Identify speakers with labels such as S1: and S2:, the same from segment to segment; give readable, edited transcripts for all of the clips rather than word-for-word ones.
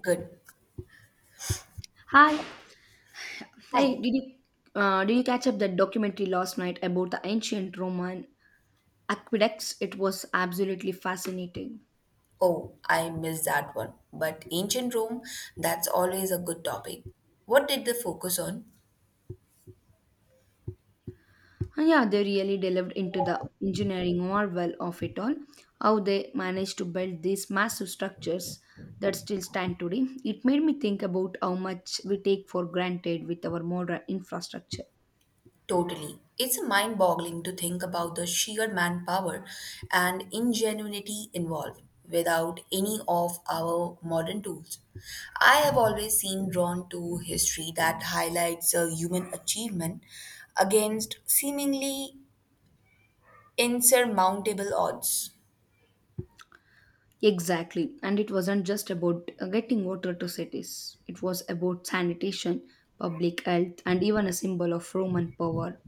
S1: Good.
S2: Hi. Hey, did you catch up that documentary last night about the ancient Roman aqueducts? It was absolutely fascinating.
S1: Oh, I missed that one. But ancient Rome, that's always a good topic. What did they focus on?
S2: And yeah, they really delved into the engineering marvel of it all, how they managed to build these massive structures that still stand today. It made me think about how much we take for granted with our modern infrastructure.
S1: Totally. It's mind boggling to think about the sheer manpower and ingenuity involved without any of our modern tools. I have always seen drawn to history that highlights a human achievement against seemingly insurmountable odds.
S2: Exactly. And it wasn't just about getting water to cities, it was about sanitation, public health, and even a symbol of Roman power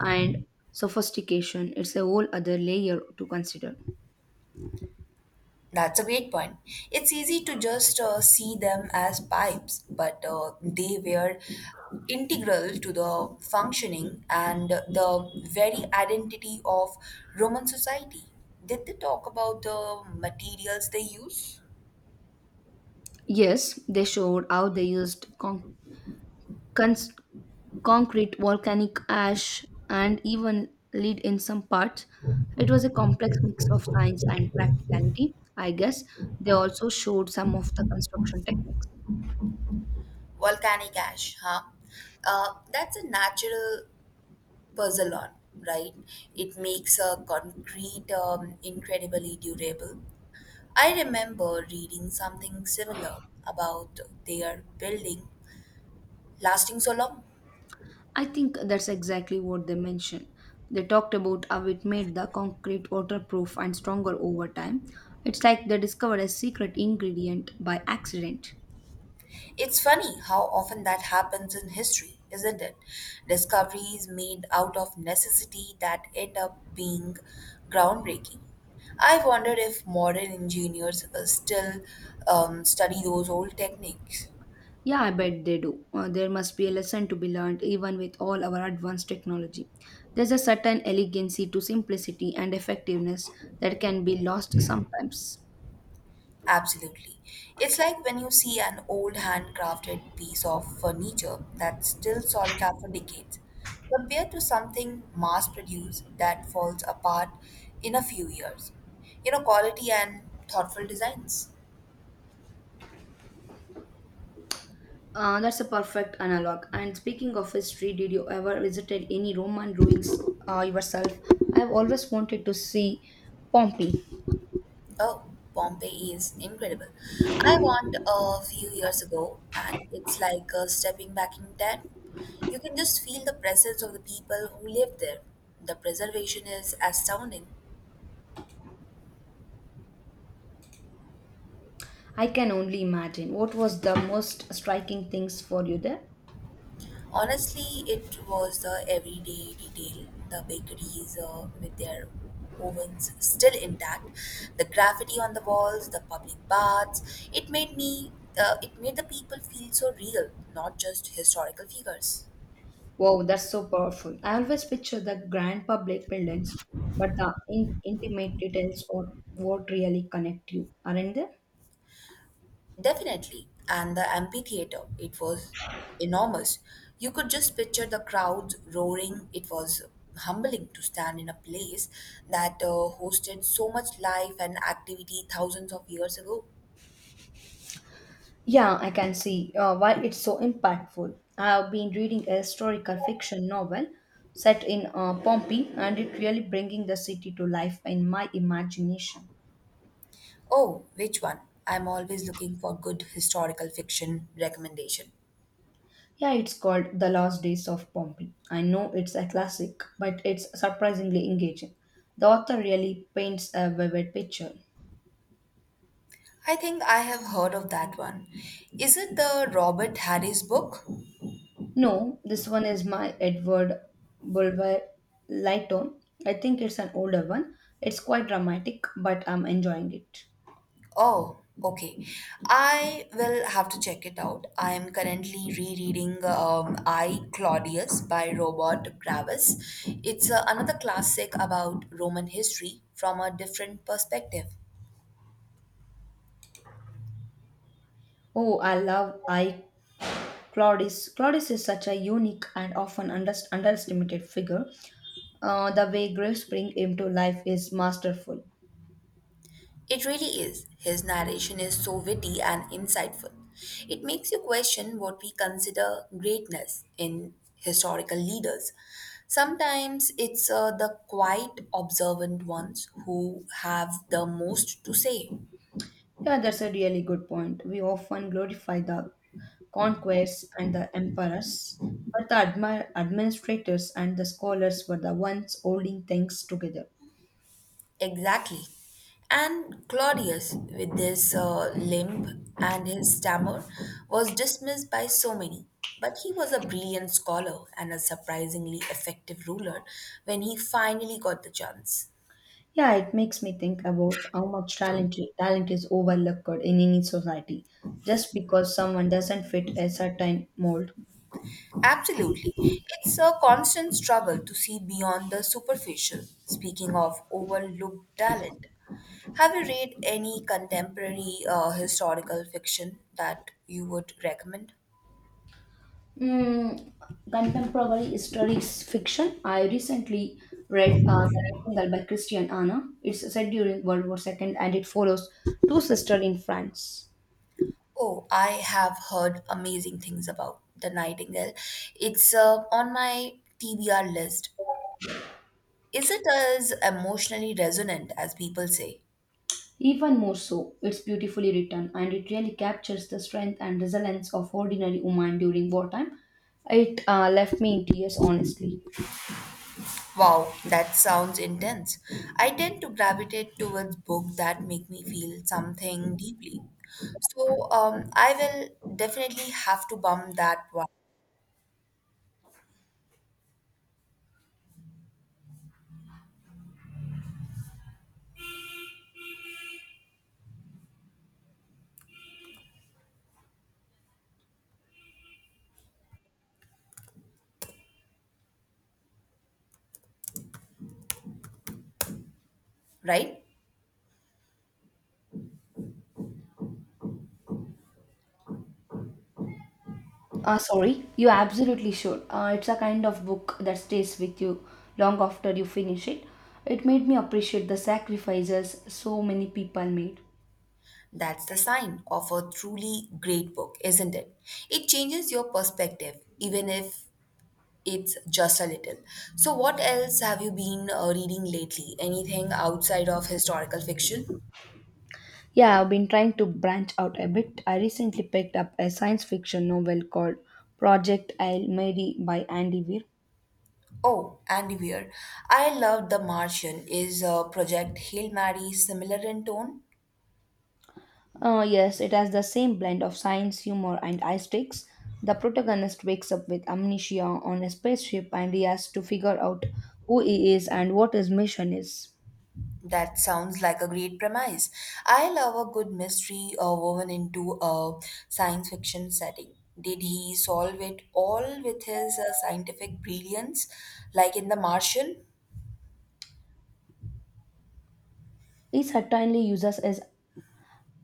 S2: and sophistication. It's a whole other layer to consider.
S1: That's a great point. It's easy to just see them as pipes, but they were integral to the functioning and the very identity of Roman society. Did they talk about the materials they use?
S2: Yes, they showed how they used cons- concrete, volcanic ash, and even lead in some parts. It was a complex mix of science and practicality. I guess they also showed some of the construction techniques.
S1: Volcanic ash, huh? That's a natural puzzle on, right? It makes a concrete incredibly durable. I remember reading something similar about their building lasting so long.
S2: I think that's exactly what they mentioned. They talked about how it made the concrete waterproof and stronger over time. It's like they discovered a secret ingredient by accident.
S1: It's funny how often that happens in history, isn't it? Discoveries made out of necessity that end up being groundbreaking. I wonder if modern engineers still study those old techniques.
S2: Yeah, I bet they do. There must be a lesson to be learned even with all our advanced technology. There's a certain elegancy to simplicity and effectiveness that can be lost sometimes.
S1: Absolutely. It's like when you see an old handcrafted piece of furniture that's still solid after decades, compared to something mass produced that falls apart in a few years. You know, quality and thoughtful designs.
S2: That's a perfect analog. And speaking of history, did you ever visited any Roman ruins yourself? I've always wanted to see Pompeii.
S1: Oh, Pompeii is incredible. I went a few years ago, and it's like stepping back in time. You can just feel the presence of the people who lived there. The preservation is astounding.
S2: I can only imagine. What was the most striking things for you there?
S1: Honestly, it was the everyday detail. The bakeries with their ovens still intact, the graffiti on the walls, the public baths. It made it made the people feel so real, not just historical figures.
S2: Wow, that's so powerful. I always picture the grand public buildings, but the intimate details or what really connect you, aren't there?
S1: Definitely, and the amphitheater. It was enormous. You could just picture the crowds roaring. It was humbling to stand in a place that hosted so much life and activity thousands of years ago.
S2: Yeah, I can see why it's so impactful. I have been reading a historical fiction novel set in Pompeii, and it really bringing the city to life in my imagination.
S1: Oh, which one? I'm always looking for good historical fiction recommendation.
S2: Yeah, it's called The Last Days of Pompeii. I know it's a classic, but it's surprisingly engaging. The author really paints a vivid picture.
S1: I think I have heard of that one. Is it the Robert Harris book?
S2: No, this one is my Edward Bulwer Lytton. I think it's an older one. It's quite dramatic, but I'm enjoying it.
S1: Oh, okay. I will have to check it out. I am currently rereading I Claudius by Robert Graves. It's another classic about Roman history from a different perspective.
S2: Oh, I love I Claudius. Claudius is such a unique and often underestimated figure. The way Graves bring him to life is masterful.
S1: It really is. His narration is so witty and insightful. It makes you question what we consider greatness in historical leaders. Sometimes it's the quiet, observant ones who have the most to say.
S2: Yeah, that's a really good point. We often glorify the conquerors and the emperors, but the administrators and the scholars were the ones holding things together.
S1: Exactly. And Claudius, with his limp and his stammer, was dismissed by so many. But he was a brilliant scholar and a surprisingly effective ruler when he finally got the chance.
S2: Yeah, it makes me think about how much talent is overlooked in any society just because someone doesn't fit a certain mold.
S1: Absolutely. It's a constant struggle to see beyond the superficial, speaking of overlooked talent. Have you read any contemporary historical fiction that you would recommend?
S2: Mm, contemporary historic fiction. I recently read The Nightingale by Christian Anna. It's set during World War II and it follows two sisters in France.
S1: Oh, I have heard amazing things about the Nightingale. It's on my TBR list. Is it as emotionally resonant as people say?
S2: Even more so, it's beautifully written and it really captures the strength and resilience of ordinary women during wartime. It left me in tears, honestly.
S1: Wow, that sounds intense. I tend to gravitate towards books that make me feel something deeply. So I will definitely have to bump that one, right?
S2: Sorry, you absolutely should. It's a kind of book that stays with you long after you finish it. It made me appreciate the sacrifices so many people made.
S1: That's the sign of a truly great book, isn't it? It changes your perspective, even if it's just a little. So, what else have you been reading lately? Anything outside of historical fiction?
S2: Yeah, I've been trying to branch out a bit. I recently picked up a science fiction novel called Project Hail Mary by Andy Weir.
S1: Oh, Andy Weir. I loved The Martian. Is Project Hail Mary similar in tone?
S2: Yes, it has the same blend of science, humor, and high sticks. The protagonist wakes up with amnesia on a spaceship and he has to figure out who he is and what his mission is.
S1: That sounds like a great premise. I love a good mystery woven into a science fiction setting. Did he solve it all with his scientific brilliance, like in The Martian?
S2: It certainly uses as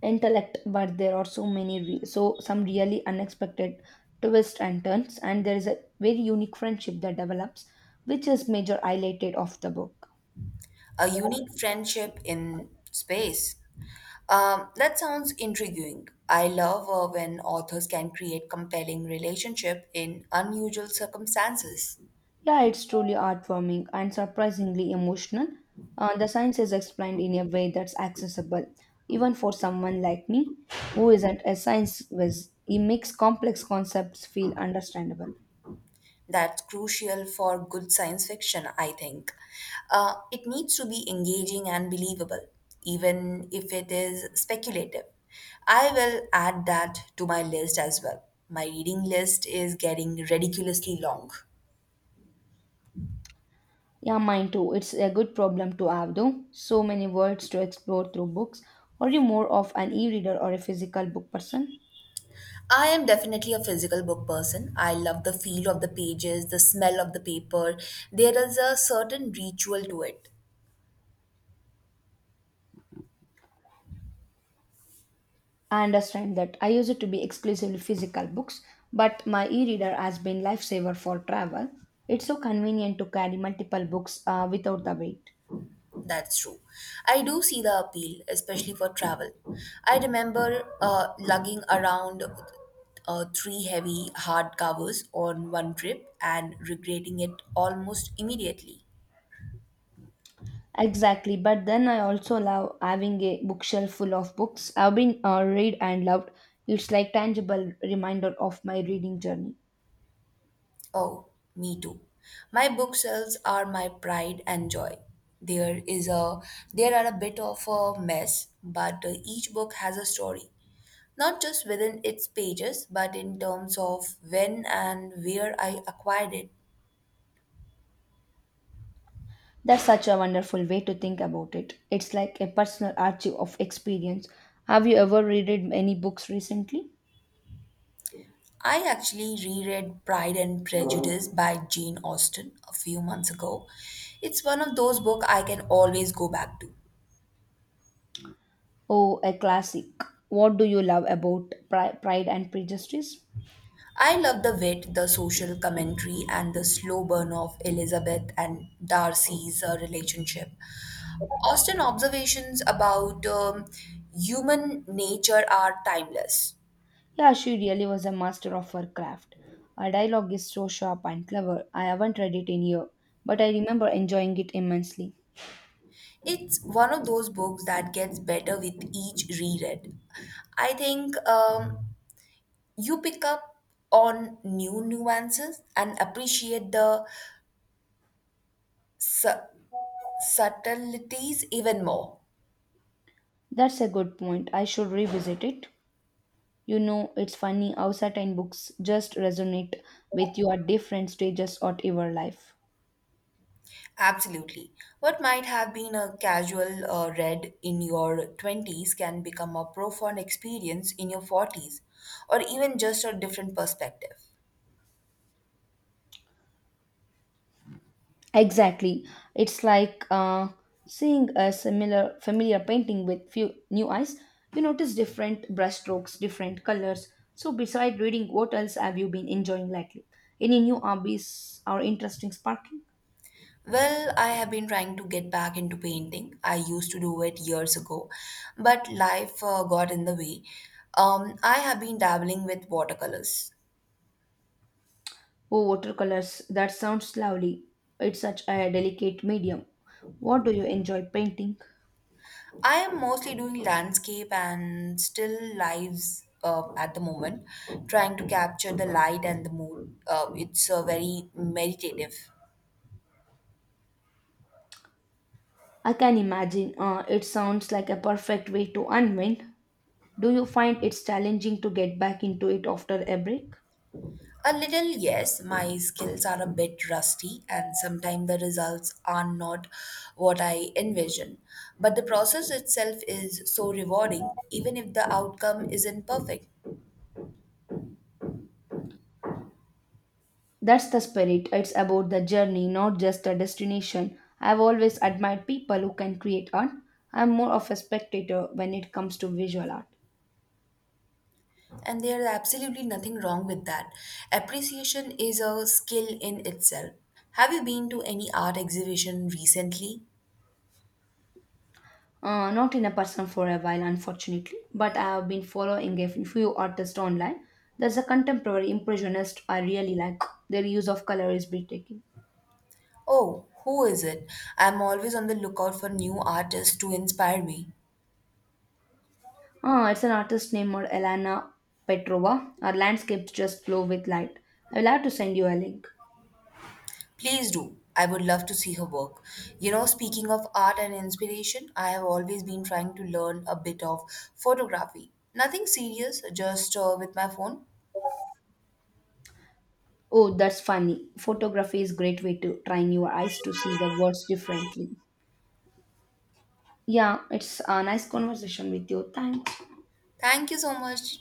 S2: intellect, but there are so some really unexpected twists and turns, and there is a very unique friendship that develops, which is major highlighted of the book.
S1: A unique friendship in space. That sounds intriguing. I love when authors can create compelling relationship in unusual circumstances.
S2: Yeah, it's truly heartwarming and surprisingly emotional. The science is explained in a way that's accessible, even for someone like me, who isn't a science whiz. It makes complex concepts feel understandable.
S1: That's crucial for good science fiction, I think. It needs to be engaging and believable, even if it is speculative. I will add that to my list as well. My reading list is getting ridiculously long.
S2: Yeah, mine too. It's a good problem to have, though. So many words to explore through books. Are you more of an e reader or a physical book person?
S1: I am definitely a physical book person. I love the feel of the pages, the smell of the paper. There is a certain ritual to it.
S2: I understand that. I used it to be exclusively physical books, but my e reader has been lifesaver for travel. It's so convenient to carry multiple books without the weight.
S1: That's true. I do see the appeal, especially for travel. I remember lugging around three heavy hard covers on one trip and regretting it almost immediately.
S2: Exactly, but then I also love having a bookshelf full of books I've been read and loved. It's like tangible reminder of my reading journey.
S1: Oh, me too. My bookshelves are my pride and joy. There is a there are a bit of a mess, but each book has a story. Not just within its pages, but in terms of when and where I acquired it.
S2: That's such a wonderful way to think about it. It's like a personal archive of experience. Have you ever read any books recently?
S1: I actually reread Pride and Prejudice by Jane Austen a few months ago. It's one of those books I can always go back to.
S2: Oh, a classic. What do you love about Pride and Prejudice?
S1: I love the wit, the social commentary, and the slow burn of Elizabeth and Darcy's relationship. Austin observations about human nature are timeless.
S2: Yeah, she really was a master of her craft. Her dialogue is so sharp and clever. I haven't read it in years, but I remember enjoying it immensely.
S1: It's one of those books that gets better with each reread. I think you pick up on new nuances and appreciate the su- subtleties even more.
S2: That's a good point. I should revisit it. You know, it's funny how certain books just resonate with you at different stages of your life.
S1: Absolutely. What might have been a casual read in your 20s can become a profound experience in your 40s, or even just a different perspective.
S2: Exactly. It's like seeing a similar familiar painting with few new eyes. You notice different brushstrokes, different colors. So beside reading, what else have you been enjoying lately? Any new hobbies or interesting sparking?
S1: Well, I have been trying to get back into painting. I used to do it years ago, but life got in the way. I have been dabbling with watercolors.
S2: Oh, watercolors. That sounds lovely. It's such a delicate medium. What do you enjoy painting?
S1: I am mostly doing landscape and still lives at the moment, trying to capture the light and the mood. It's very meditative.
S2: I can imagine. It sounds like a perfect way to unwind. Do you find it's challenging to get back into it after a break?
S1: A little, yes, my skills are a bit rusty, and sometimes the results are not what I envision. But the process itself is so rewarding, even if the outcome isn't perfect.
S2: That's the spirit. It's about the journey, not just the destination. I've always admired people who can create art. I'm more of a spectator when it comes to visual art.
S1: And there is absolutely nothing wrong with that. Appreciation is a skill in itself. Have you been to any art exhibition recently?
S2: Not in a person for a while, unfortunately, but I have been following a few artists online. There's a contemporary impressionist I really like. Their use of color is breathtaking.
S1: Oh, who is it? I'm always on the lookout for new artists to inspire me.
S2: Ah, it's an artist named Elena Petrova. Her landscapes just glow with light. I will have to send you a link.
S1: Please do. I would love to see her work. You know, speaking of art and inspiration, I have always been trying to learn a bit of photography. Nothing serious, just with my phone.
S2: Oh, that's funny. Photography is great way to train your eyes to see the words differently. Yeah, it's a nice conversation with you. Thanks.
S1: Thank you so much.